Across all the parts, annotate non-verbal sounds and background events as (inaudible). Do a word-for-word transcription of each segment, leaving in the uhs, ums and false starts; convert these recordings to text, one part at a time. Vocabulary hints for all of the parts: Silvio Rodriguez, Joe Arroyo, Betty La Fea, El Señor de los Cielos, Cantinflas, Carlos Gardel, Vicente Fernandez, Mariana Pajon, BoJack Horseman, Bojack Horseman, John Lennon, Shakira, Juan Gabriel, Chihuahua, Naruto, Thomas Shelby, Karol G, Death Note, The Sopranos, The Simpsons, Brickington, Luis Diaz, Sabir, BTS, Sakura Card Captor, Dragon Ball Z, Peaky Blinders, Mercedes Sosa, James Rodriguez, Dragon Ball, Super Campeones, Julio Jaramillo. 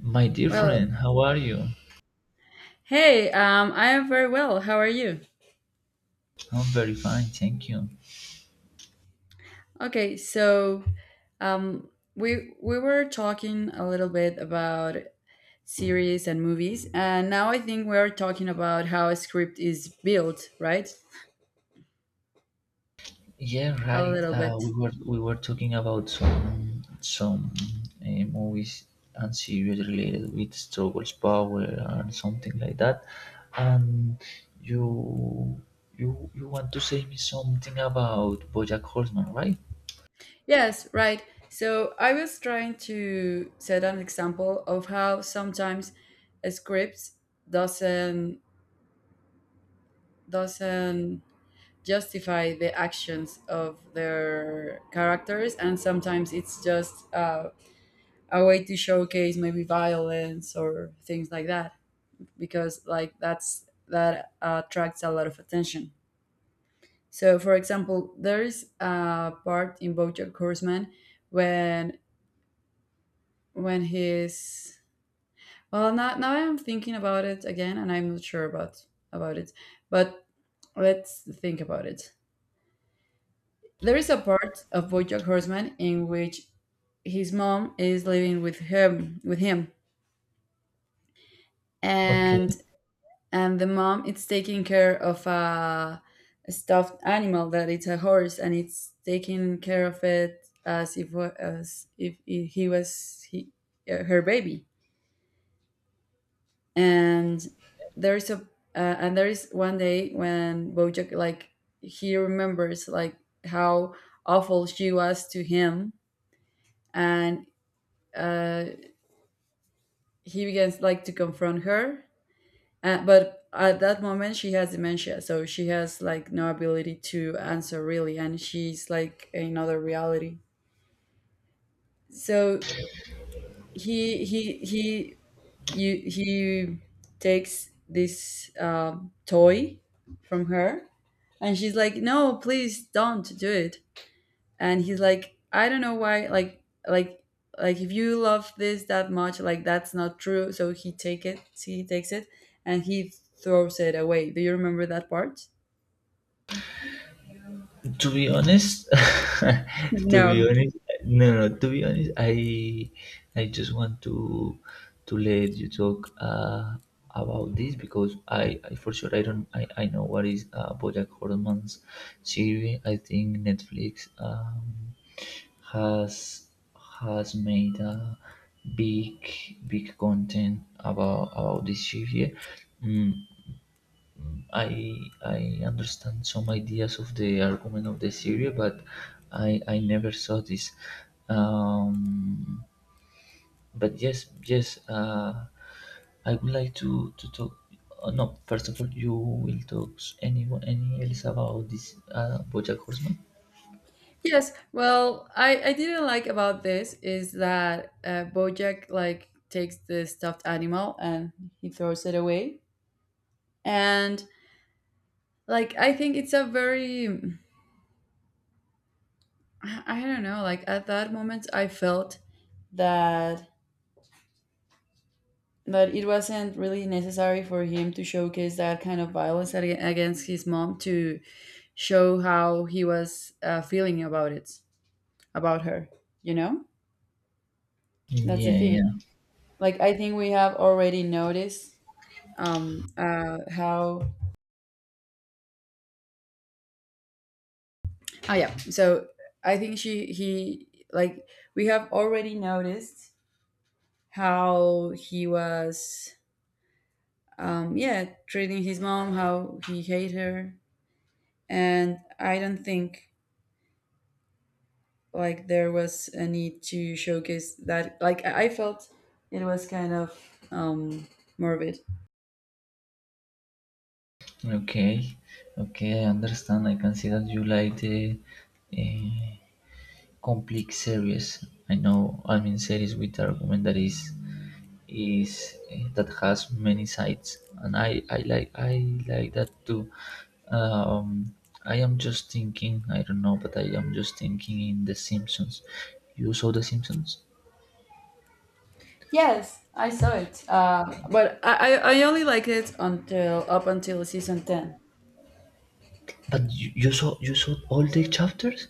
My dear Well, friend, how are you? hey, um, I am very well. How are you? I'm very fine, thank you. Okay, so um, we we were talking a little bit about series and movies, and now I think we are talking about how a script is built, right? Yeah, A right. little bit. Uh, we were we were talking about some some uh, movies and series related with struggles, power, and something like that. And you you you want to say me something about BoJack Horseman, right? Yes, right. So I was trying to set an example of how sometimes a script doesn't doesn't justify the actions of their characters, and sometimes it's just uh, a way to showcase maybe violence or things like that, because like that's that attracts a lot of attention. So for example, there's a part in Bojack Horseman when when he's, well, now, now I'm thinking about it again and I'm not sure about about it, but let's think about it. There is a part of Bojack Horseman in which his mom is living with him with him and Okay. and the mom is taking care of a, a stuffed animal that it's a horse, and it's taking care of it as if wa- as if he he was he, uh, her baby. And there is a uh, and there is one day when Bojack, like, he remembers like how awful she was to him, and uh, he begins like to confront her. Uh, but at that moment, she has dementia, so she has like no ability to answer really, and she's like in another reality. So he he he you he takes this um, toy from her, and she's like, "No, please don't do it." And he's like, "I don't know why. Like like like, if you love this that much, like that's not true." So he take it. He takes it, and he throws it away. Do you remember that part? To be honest, (laughs) to be No. honest, no no to be honest, i i just want to to let you talk uh about this because i, I for sure, I don't I, I know what is uh bojack horseman's series. I think netflix um has has made a big big content about about this series. mm, I I understand some ideas of the argument of the theory, but I I never saw this. Um, but yes, yes. Uh, I would like to to talk. Uh, no, first of all, you will talk s- anyone any else about this uh, BoJack Horseman? Yes. Well, I I didn't like about this is that uh, Bojack like takes the stuffed animal and he throws it away, and like I think it's a very, I I don't know. Like at that moment, I felt that that it wasn't really necessary for him to showcase that kind of violence ag- against his mom to show how he was uh, feeling about it about her. You know, that's the Yeah, thing. yeah. Like I think we have already noticed, um uh how, oh yeah, so I think she he like we have already noticed how he was, um yeah, treating his mom, how he hate her. And I don't think like there was a need to showcase that. Like I I felt it was kind of um morbid. Okay, okay. I understand. I can see that you like the. Uh, Complex series. I know, I mean series with argument that is is eh, that has many sides, and I I like I like that too. Um, I am just thinking. I don't know, but I am just thinking in The Simpsons. You saw The Simpsons, Yes, I saw it. Uh, but I, I I only liked it until up until season ten. but you, you saw you saw all the chapters.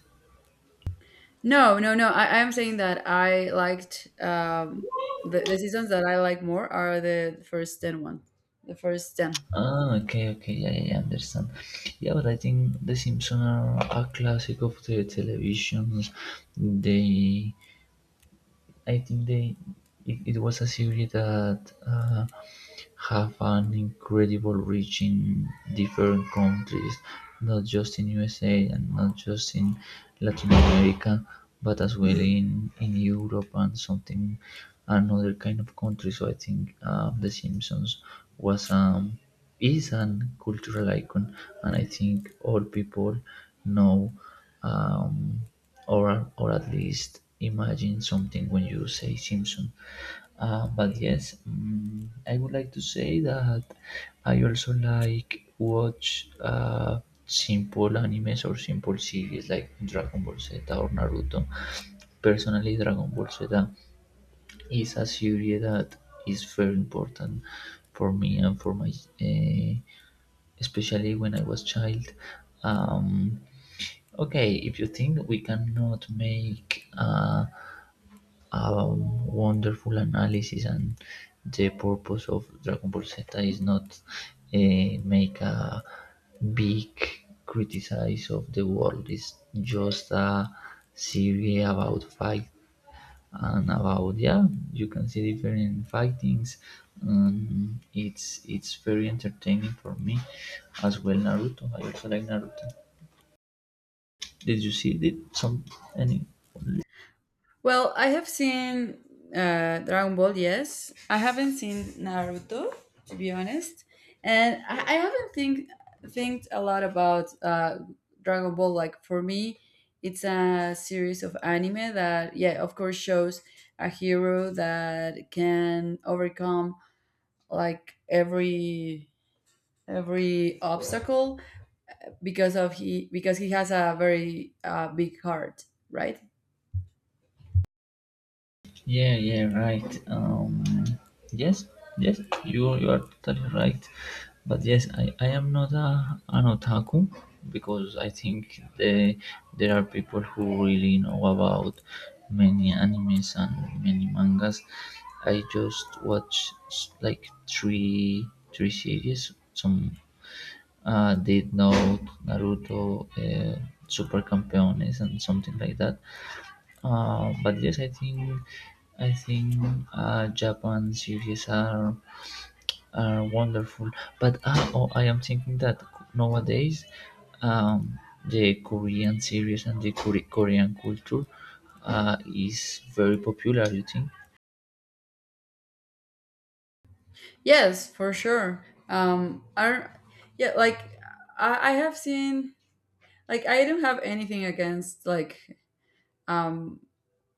No, no, no. I, I am saying that I liked, um, the the seasons that I like more are the first ten one, the first ten. Ah, okay, okay, yeah, yeah, yeah, I understand. Yeah, but I think The Simpsons are a classic of the televisions. They I think they it, it was a series that uh, have an incredible reach in different countries, not just in U S A and not just in Latin America, but as well in in Europe and something another kind of country. So I think uh, The Simpsons was um is an cultural icon, and I think all people know um, or or at least imagine something when you say Simpson. Uh, but yes, mm I would like to say that I also like watch uh, simple animes or simple series like Dragon Ball Z or Naruto. Personally, Dragon Ball Z is a series that is very important for me and for my. Uh, Especially when I was child. Um, okay, if you think we cannot make uh, a wonderful analysis, and the purpose of Dragon Ball Z is not uh, make a big criticize of the world. It's just a series about fight and about yeah, you can see different fightings. um, it's it's very entertaining for me, as well naruto. I also like naruto. Did you see did some any Well, I have seen uh, Dragon Ball, yes. I haven't seen Naruto, to be honest, and I, I haven't think think a lot about uh, Dragon Ball. Like for me, it's a series of anime that, yeah, of course, shows a hero that can overcome, like, every every obstacle because of he because he has a very, uh, big heart, right? Yeah, yeah, right. Um, yes, yes, you you are totally right. But yes, I, I am not a, an otaku because I think the, there are people who really know about many animes and many mangas. I just watch s- like three three series. Some uh, Death Note, Naruto, uh, Super Campeones, and something like that. Uh, but yes, I think I think uh, Japan series are are wonderful. But uh, oh, I am thinking that nowadays um, the Korean series and the Kore- Korean culture uh, is very popular. You think? Yes, for sure. Um, I yeah, like I, I have seen, like I don't have anything against, like, um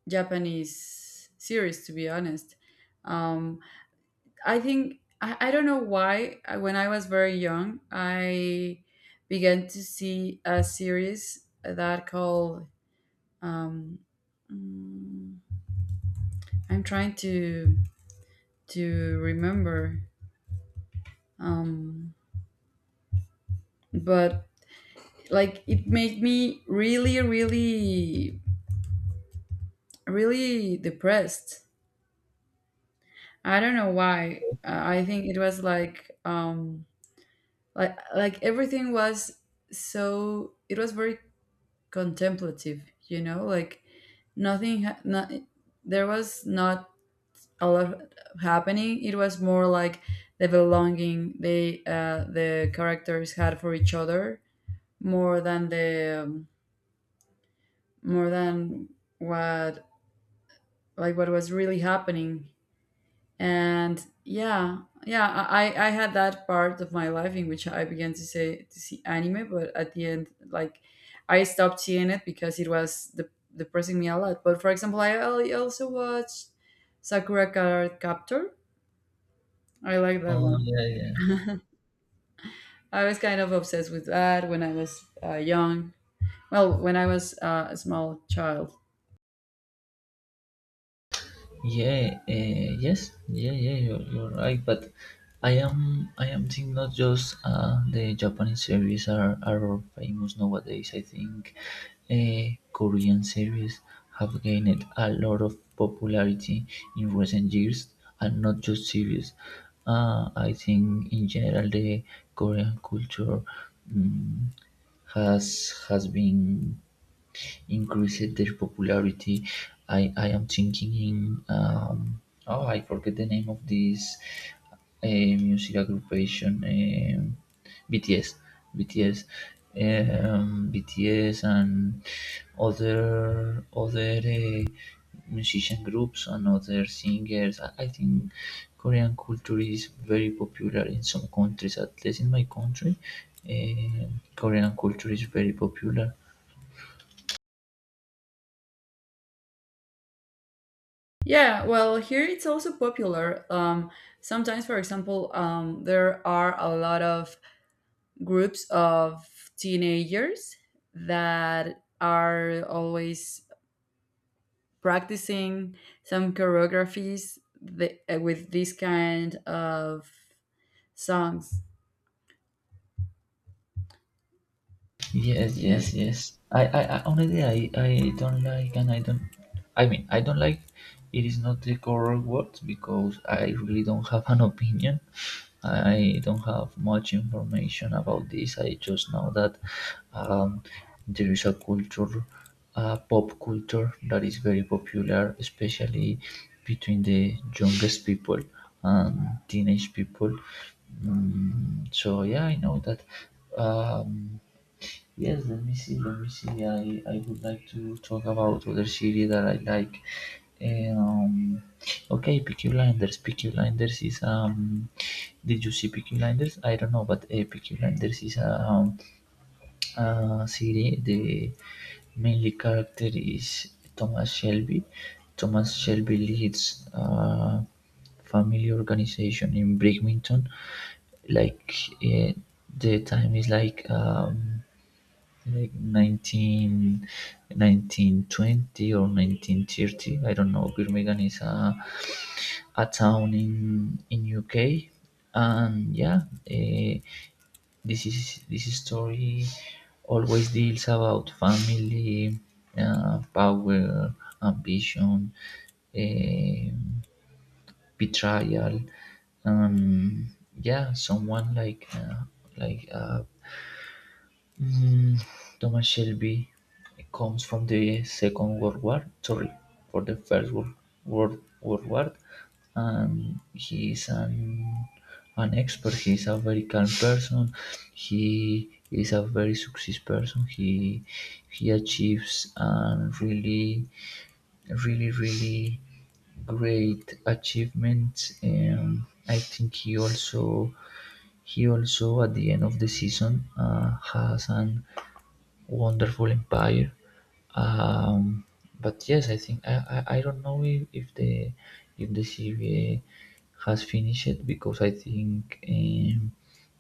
Japanese series, to be honest. Um, I think I, I don't know why, I- when I was very young, I began to see a series that called, um mm, I'm trying to to remember, um but like it made me really really really depressed. I don't know why. uh, I think it was like, um like, like everything was so, it was very contemplative, you know like nothing, ha- not, there was not a lot happening. It was more like the belonging they, uh, the characters had for each other, more than the um, more than what like what was really happening. And yeah, yeah, i i had that part of my life in which I began to say to see anime, but at the end, like, I stopped seeing it because it was, de- depressing me a lot. But for example, i al- also watched Sakura Card Captor. I like that Oh one. yeah, I was kind of obsessed with that when I was, uh, young. Well, when I was uh, a small child. yeah, uh, yes, yeah, yeah, you're, you're right. But I am I am thinking not just uh, the Japanese series are, are famous nowadays. I think uh, Korean series have gained a lot of popularity in recent years, and not just series. Uh, I think in general the Korean culture mm, has has been increased their popularity. I, I am thinking in um, oh I forget the name of this uh, music aggregation, um B T S, B T S, um, B T S and other other uh, musician groups and other singers. I, I think Korean culture is very popular in some countries, at least in my country. Um Korean culture is very popular. Yeah, well, here it's also popular. Um, sometimes, for example, um, there are a lot of groups of teenagers that are always practicing some choreographies, th- uh, with this kind of songs. Yes, yes, Yes. yes. I, I, I honestly, I, I don't like, and I don't. I mean, I don't like. It is not the correct word because I really don't have an opinion. I don't have much information about this. I just know that um, there is a culture, a pop culture that is very popular, especially between the youngest people and teenage people. Mm, so yeah, I know that. Um, Yes, let me see. Let me see. I, I would like to talk about other series that I like. Um, okay, Peaky Blinders. Peaky Blinders is um. Did you see Peaky Blinders? I don't know, but uh, Peaky Blinders is a, um, a series. The mainly character is Thomas Shelby. Thomas Shelby leads a family organization in Brickington. Like uh, the time is like um, like nineteen, nineteen twenty or nineteen thirty, I don't know. Birmingham is a, a town in in uk. And yeah, eh, this is this story always deals about family, uh, power, ambition, eh, betrayal, um yeah, someone like uh, like a Mm, Thomas Shelby comes from the Second World War, sorry, for the First World, World, World War, and he is an an expert. He is a very calm person. He is a very success person. He he achieves and really, really, really great achievements. Um, I think he also he also at the end of the season uh, has an wonderful empire. Um, but yes, I think I, I, I don't know if, if the if the C B A has finished it because I think um,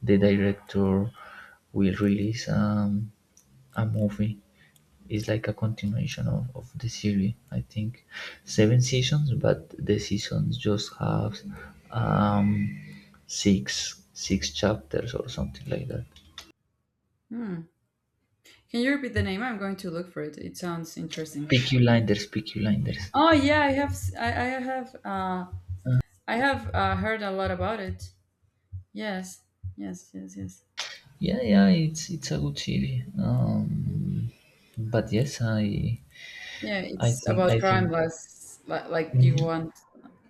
the director will release um, a movie is like a continuation of, of the series. I think seven seasons, but the seasons just have um six six chapters or something like that. Hmm. Can you repeat the name? I'm going to look for it. It sounds interesting. Peaky Blinders, peaky blinders. Oh yeah, I have. s- I, I have. Uh, I have uh, heard a lot about it. Yes. Yes. Yes. Yes. Yeah, yeah, it's it's a good series. um but yes i Yeah, i it's think about i crime think. less, like, like you Mhm. want.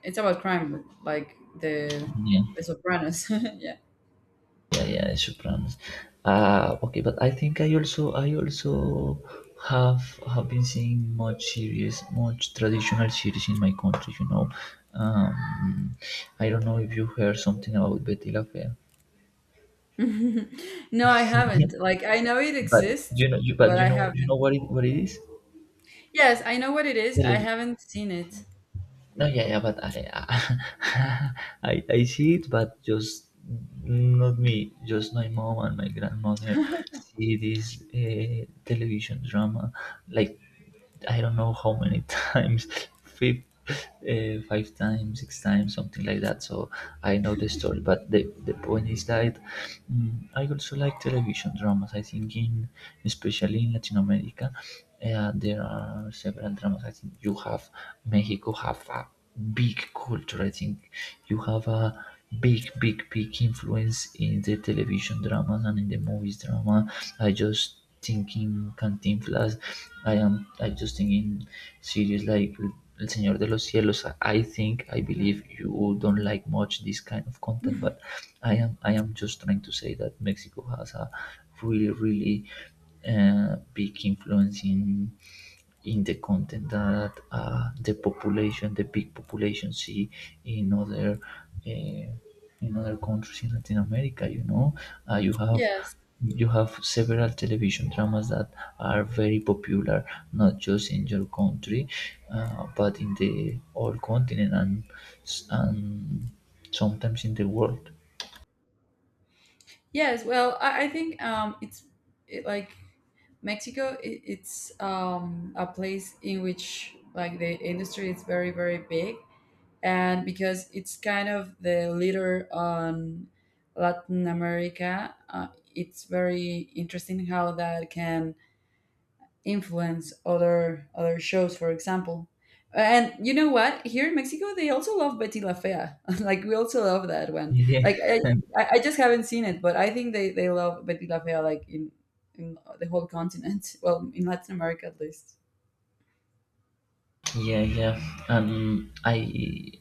It's about crime like the Yeah, the Sopranos. (laughs) Yeah. yeah, yeah, sopranos. Uh okay, but i think i also i also have have been seeing much series, much traditional series in my country, you know. um I don't know if you heard something about betty la fea. (laughs) No, I Yeah. haven't. Like I know it But exists, you know you but but you I know, you know haven't. what it what it Yes, I know what it is. I is. haven't seen it. No, yeah, yeah, but I, (laughs) I, I see it, but just not me, just my mom and my grandmother see this uh, television drama, like I don't know how many (laughs) times, five, uh, five times, six times, something like that. So I know the story, but the, the point is that mm I also like television dramas. I think in, especially in Latin America, yeah, there are several dramas. I think you have Mexico have a big culture. I think you have a big, big, big influence in the television dramas and in the movies drama. I just thinking Cantinflas. I am. I just thinking series like El Señor de los Cielos. I think I Hmm. believe you don't like much this kind of content, but (laughs) I am. I am just trying to say that Mexico has a really, really a big influence in in the content that uh, the population, the big population, see in other uh, in other countries in Latin America. You know, uh, you have Yes. you have several television dramas that are very popular, not just in your country, uh, but in the whole continent and s- and sometimes in the world. Yes, well, I, I think, um it's, it, like Mexico, it, it's, um a place in which, like, the industry is very very big, and because it's kind of the leader on Latin America, uh, it's very interesting how that can influence other other shows, for example. And you know what? Here in Mexico, they also love Betty La Fea. (laughs) Like we also love that one. Yeah. Like I, (laughs) I I just haven't seen it, but I think they they love Betty La Fea, like, in in the whole continent. (laughs) Well, in Latin America at least. Yeah, yeah. And I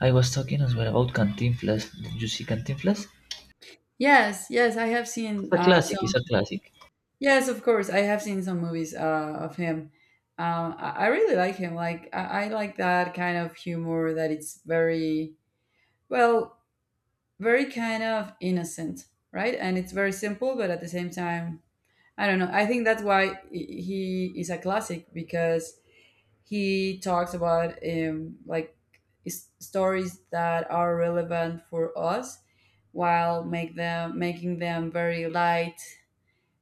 I was talking as well about Cantinflas. Did you see Cantinflas? It's Yes, yes, I have seen a uh, classic. It's some. a classic. Yes, of course. I have seen some movies uh, of him. Um, I, I really like him. Like I, I like that kind of humor that it's very, well, very kind of innocent, right? And it's very simple, but at the same time, I don't know. I think that's why, i- he is a classic, because he talks about, um, like, s- stories that are relevant for us, while make them making them very light,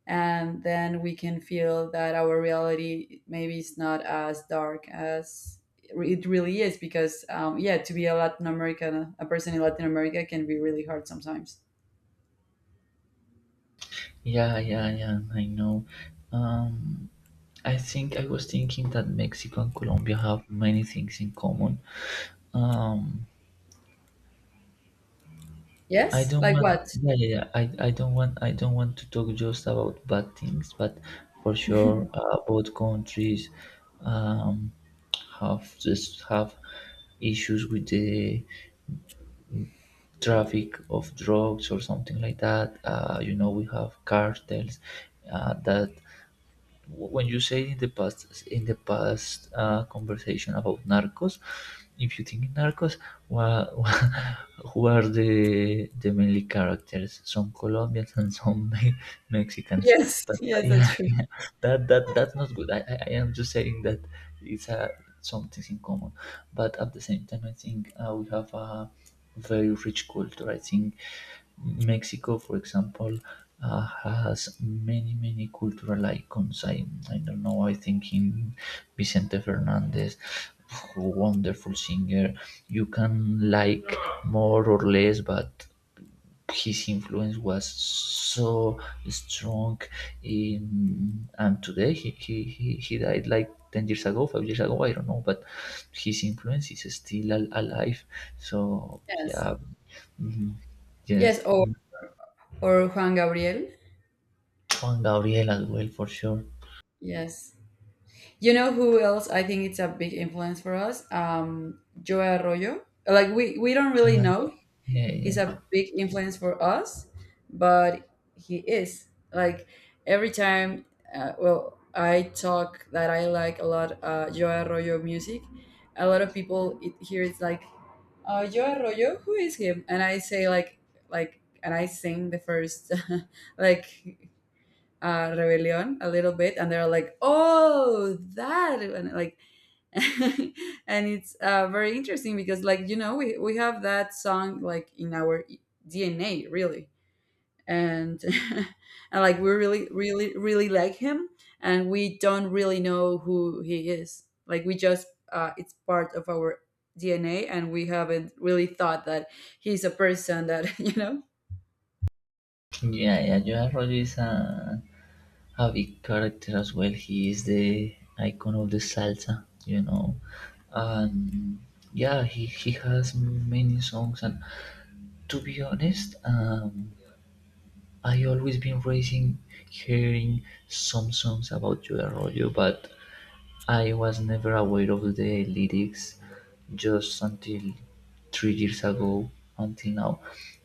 and then we can feel that our reality maybe is not as dark as it really is, because, um, yeah, to be a latin american a person in Latin America can be really hard sometimes. Yeah, yeah, yeah. I know. Um, I think I was thinking that Mexico and Colombia have many things in common. Um, I Yes, don't like want. what? Yeah, yeah, yeah. I, I don't want. I don't want to talk just about bad things, but for sure, uh, both countries um, have just have issues with the traffic of drugs or something like that. Uh, you know, we have cartels uh, that when you say in the past in the past uh, conversation about narcos, if you think in narcos, wha- (laughs) who are the the mainly characters? Some Colombians and some (laughs) Me- Mexicans. Yes. But (laughs) uh, Yes, that's yeah, true. that that that's not good. I, I, I am just saying that it's uh, some things in common, but at the same time, I think uh, we have a very rich culture. I think Mexico, for example, uh, has many many cultural icons. I I don't know. I think in Vicente Fernandez, wonderful singer. You can like more or less, but his influence was so strong in, and today he, he, he, he died like ten years ago, five years ago, I don't know, but his influence is still al- alive. So Yes. yeah. Mhm, Yes, yes. or mm, or Juan Gabriel. Juan gabriel as well, for sure. Yes. You know who else I think it's a big influence for us, um Joe Arroyo, like, we we don't really know. Yeah, yeah, He's a yeah. big influence for us, but he is like every time. Uh, well, I talk that I like a lot, uh, Joe Arroyo music. A lot of people, it, here it's like, uh, Joe Arroyo, who is him? And I say, like, like and I sing the first (laughs) like uh, Rebellion a little bit, and they're like, oh, that. And, like, (laughs) and it's, uh, very interesting, because, like, you know we, we have that song like in our DNA, really. And (laughs) and, like, we really really really like him, and we don't really know who he is. Like, we just, uh, it's part of our DNA, and we haven't really thought that he's a person that (laughs) you know Yeah, yeah, joan rodriguez. uh, Javi character as well. He is the icon of the salsa, you know. Um, yeah, he, he has many songs, and to be honest, um, I always been raising hearing some songs about Joe Arroyo, but I was never aware of the lyrics just until three years ago, until now.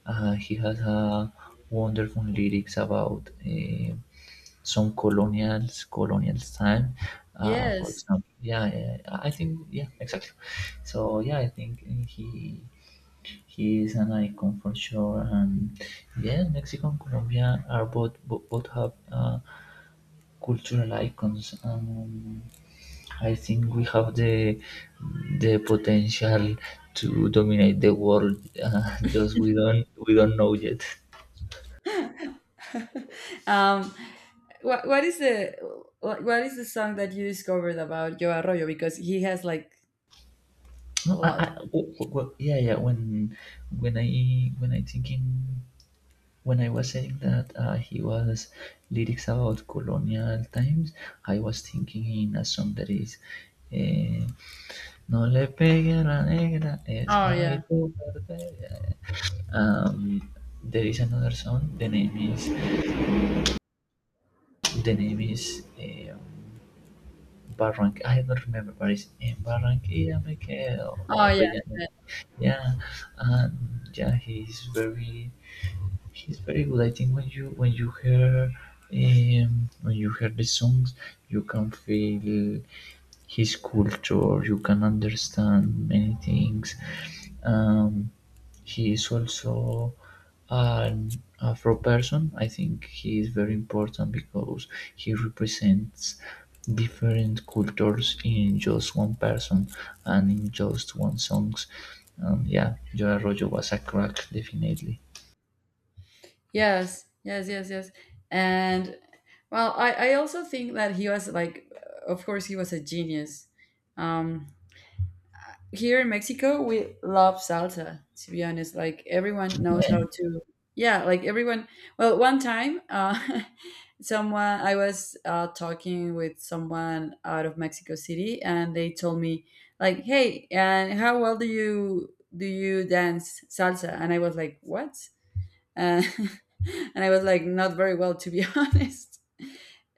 Uh, he has a wonderful lyrics about uh, some colonials, colonials time. Uh, for yes. example, yeah, yeah, I think, yeah, exactly. So yeah, I think uh, he he is an icon for sure. And yeah, Mexico and Colombia are both bo- both have uh, cultural icons. Um, I think we have the the potential to dominate the world. Uh, (laughs) just we don't we don't know yet. um what, what is the what, what is the song that you discovered about Joe Arroyo, because he has like a No, I, I, lot? w- w- w- yeah, yeah. When when I when I thinking when I was saying that uh, he was lyrics about colonial times, I was thinking in a song that is. eh, no le pegue a la negra, Oh. esclavitud. Perpetua. Um, there is another song. The name is The name is um, Barranquilla. I don't remember, but it's in Barranquilla, Michael Oh or yeah, Bellanova. yeah. Yeah, yeah, and yeah, he's very she's very good. I think when you when you hear um, when you hear the songs, you can feel his culture. You can understand many things. Um, he is also an Afro person. I think he is very important because he represents different cultures in just one person and in just one songs. Um, yeah, Joe Arroyo was a crack, definitely. Yes, yes, yes, yes. And, well, I I also think that he was, like, uh, of course, he was a genius. Um, here in Mexico, we love salsa. To be honest, like everyone knows how to. Yeah, like everyone. Well, one time, uh, (laughs) someone, I was uh, talking with someone out of Mexico City, and they told me, like, "Hey, and how well do you do you dance salsa?" And I was like, "What, Uh, (laughs) and I was like, not very well, to be (laughs) honest.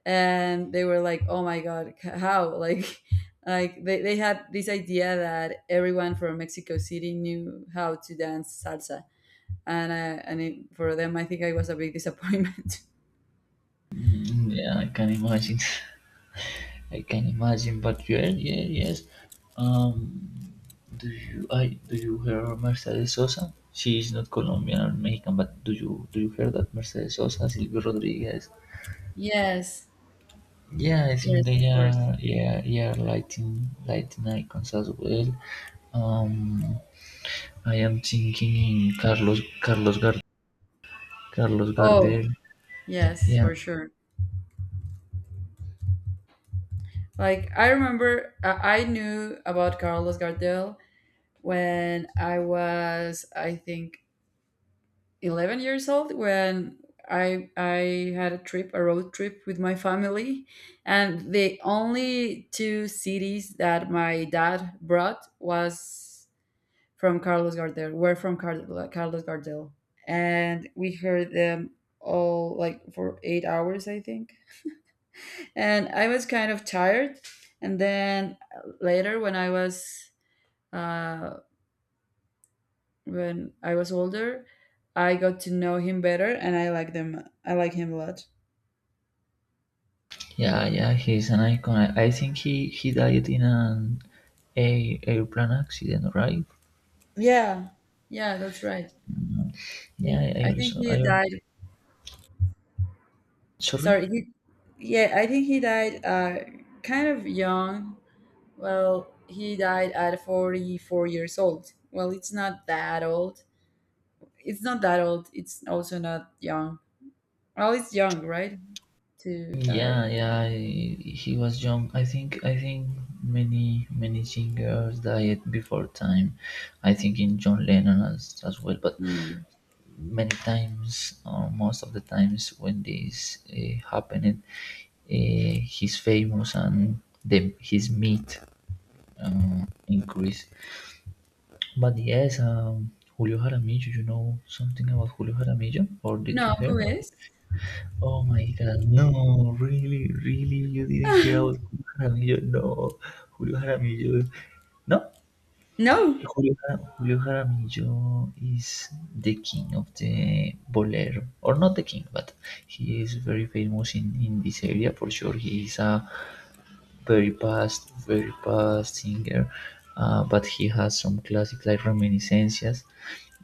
And they were like, oh my God, c- how? (laughs) Like, like they, they had this idea that everyone from Mexico City knew how to dance salsa. And uh, and it, for them, I think I was a big disappointment. (laughs) Mm, yeah, I can imagine. (laughs) I can imagine. But yeah, yeah, yes. Um, do you I do you hear Mercedes Sosa? She is not Colombian or Mexican, but do you do you hear that Mercedes Sosa, Silvio Rodriguez? Yes, Yeah, I think yes, they of course. are yeah yeah lighting lighting icons as well. Um, I am thinking Carlos Carlos Gar Carlos Oh, Gardel. yes, Yeah, for sure. Like I remember, uh, I knew about Carlos Gardel when I was, I think, eleven years old, when I I had a trip, a road trip with my family, and the only two cities that my dad brought was from Carlos Gardel. Were from Car- Carlos Gardel, and we heard them all like for eight hours, I think. And I was kind of tired, and then later, when I was, uh, when I was older, I got to know him better, and I like them. I like him a lot. Yeah, yeah, he's an icon. I, I think he, he died in an a, airplane accident, right? Yeah, yeah, that's right. He, Yeah, I, I I think also I he al- died. sorry. Sorry, he. Yeah, I think he died. Uh, kind of young. Well, he died at forty-four years old. Well, it's not that old. It's not that old. It's also not young. Well, it's young, right? To Yeah, die. yeah, I, he was young. I think I think many many singers died before time. I think in John Lennon as, as well, but Mm. many times or most of the times when this uh, happened, uh, his famous and the, his meat uh, increased. But yes, um, Julio Jaramillo, you know something about Julio Jaramillo? Or did No, you hear? who About- is? Oh my God, no, really, really, you didn't hear about (laughs) Julio Jaramillo? No, Julio Jaramillo, no, No. Julio, Jara- Julio Jaramillo is the king of the bolero, or not the king, but he is very famous in, in this area for sure. He is a very past, very past singer, uh, but he has some classic like reminiscences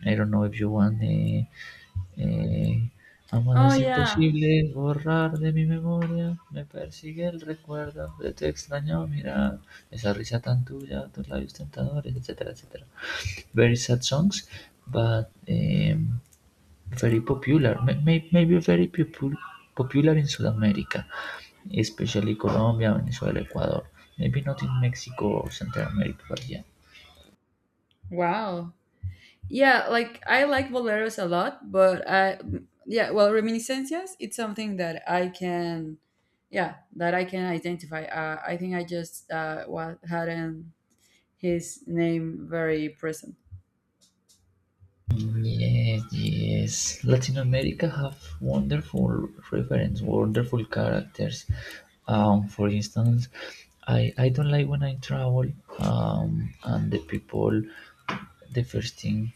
I don't know if you want. eh, eh, Amas Oh es yeah. imposible borrar de mi memoria. Me persigue el recuerdo de tu extraño mirar. Esa risa tan tuya, tus labios tentadores, etcétera, etcétera. Very sad songs, but em, very popular. maybe Maybe very popu- popular in South America, especially Colombia, Venezuela, Ecuador. Maybe not in Mexico or Central America, but yeah. Wow. Yeah, like I like boleros a lot, but I, yeah, well, reminiscencias, it's something that I can, yeah, that I can identify. Uh, I think I just uh wa- hadn't his name very present. Yes, yes. Latin America have wonderful reference, wonderful characters. Um, for instance, I, I don't like when I travel um, and the people the first thing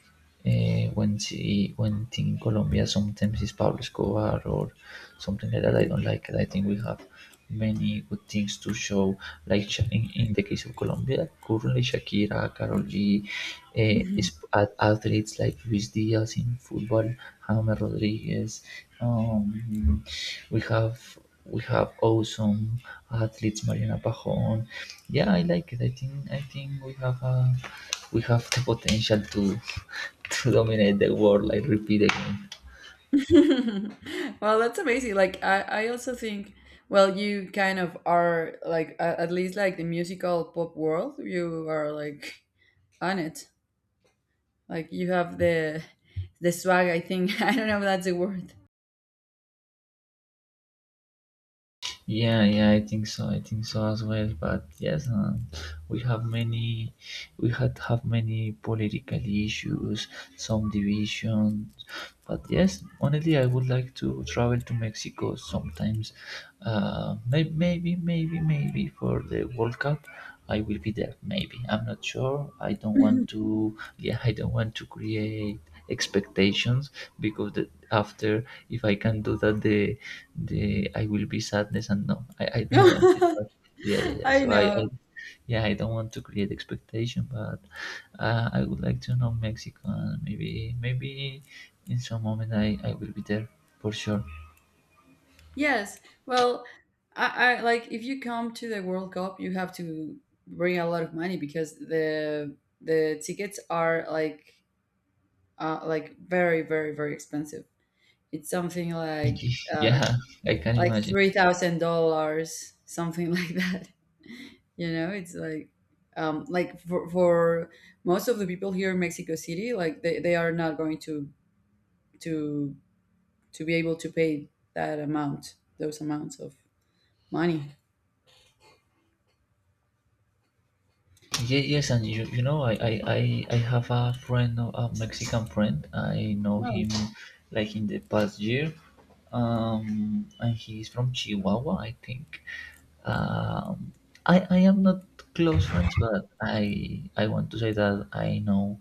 uh, when see when think Colombia sometimes is Pablo Escobar or something like that. I don't like it. I think we have many good things to show. Like Sha- in, in the case of Colombia, currently Shakira, Karol G, (laughs) uh, Well, is at athletes like Luis Diaz in football, James Rodriguez. Um, we have we have awesome athletes, Mariana Pajon. Yeah, I like it. I think I think we have a we have the potential to, (laughs) to dominate the world, I repeat again. that's amazing. Like I I also think, well, you kind of are like, a- at least like the musical pop world, you are like on it. Like you have the the swag, I think. (laughs) I don't know if that's a word. Yeah, yeah, I think so. I think so as well. But yes, um, we have many, we had have many political issues, some divisions. But yes, honestly, I would like to travel to Mexico sometimes. Uh, maybe, maybe, maybe, maybe for the World Cup, I will be there. Maybe I'm not sure. I don't want (laughs) to. Yeah, I don't want to create expectations because the, after if I can do that the the I will be sadness and no, I, I don't want it. (laughs) But yeah, yeah, yeah. I So I, know. I yeah, I don't want to create expectation, but uh, I would like to know Mexico and maybe maybe in some moment I, I will be there for sure. Yes. Well, I, I like if you come to the World Cup, you have to bring a lot of money, because the the tickets are like uh, like very very very expensive. It's something like, (laughs) uh, Yeah, I can like imagine. three thousand dollars, something (laughs) like that. You know, it's like, um, like for for most of the people here in Mexico City, like they, they are not going to to to be able to pay that amount, those amounts of money. Ye- Yes, and you, you know, I, I, I, I have a friend, a Mexican friend. I know Oh, him like in the past year. Um, and he's from Chihuahua, I think. Um, I, I am not close friends, but I, I want to say that I know,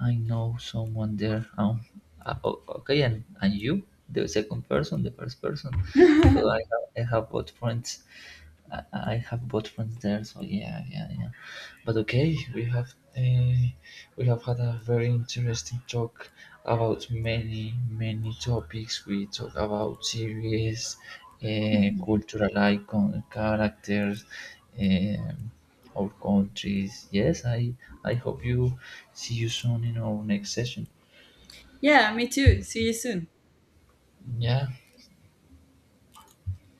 I know someone there. Um, uh, o- okay, and, and you, the second person, the first person. So I (laughs) have, I have both friends. I, I have both friends there. So yeah, yeah, yeah. But okay, we have uh, we have had a very interesting talk about many many topics. We talk about series, uh, cultural icon characters, um, our countries. Yes, I I hope you see you soon in our next session. yeah, me too. See you soon. Yeah.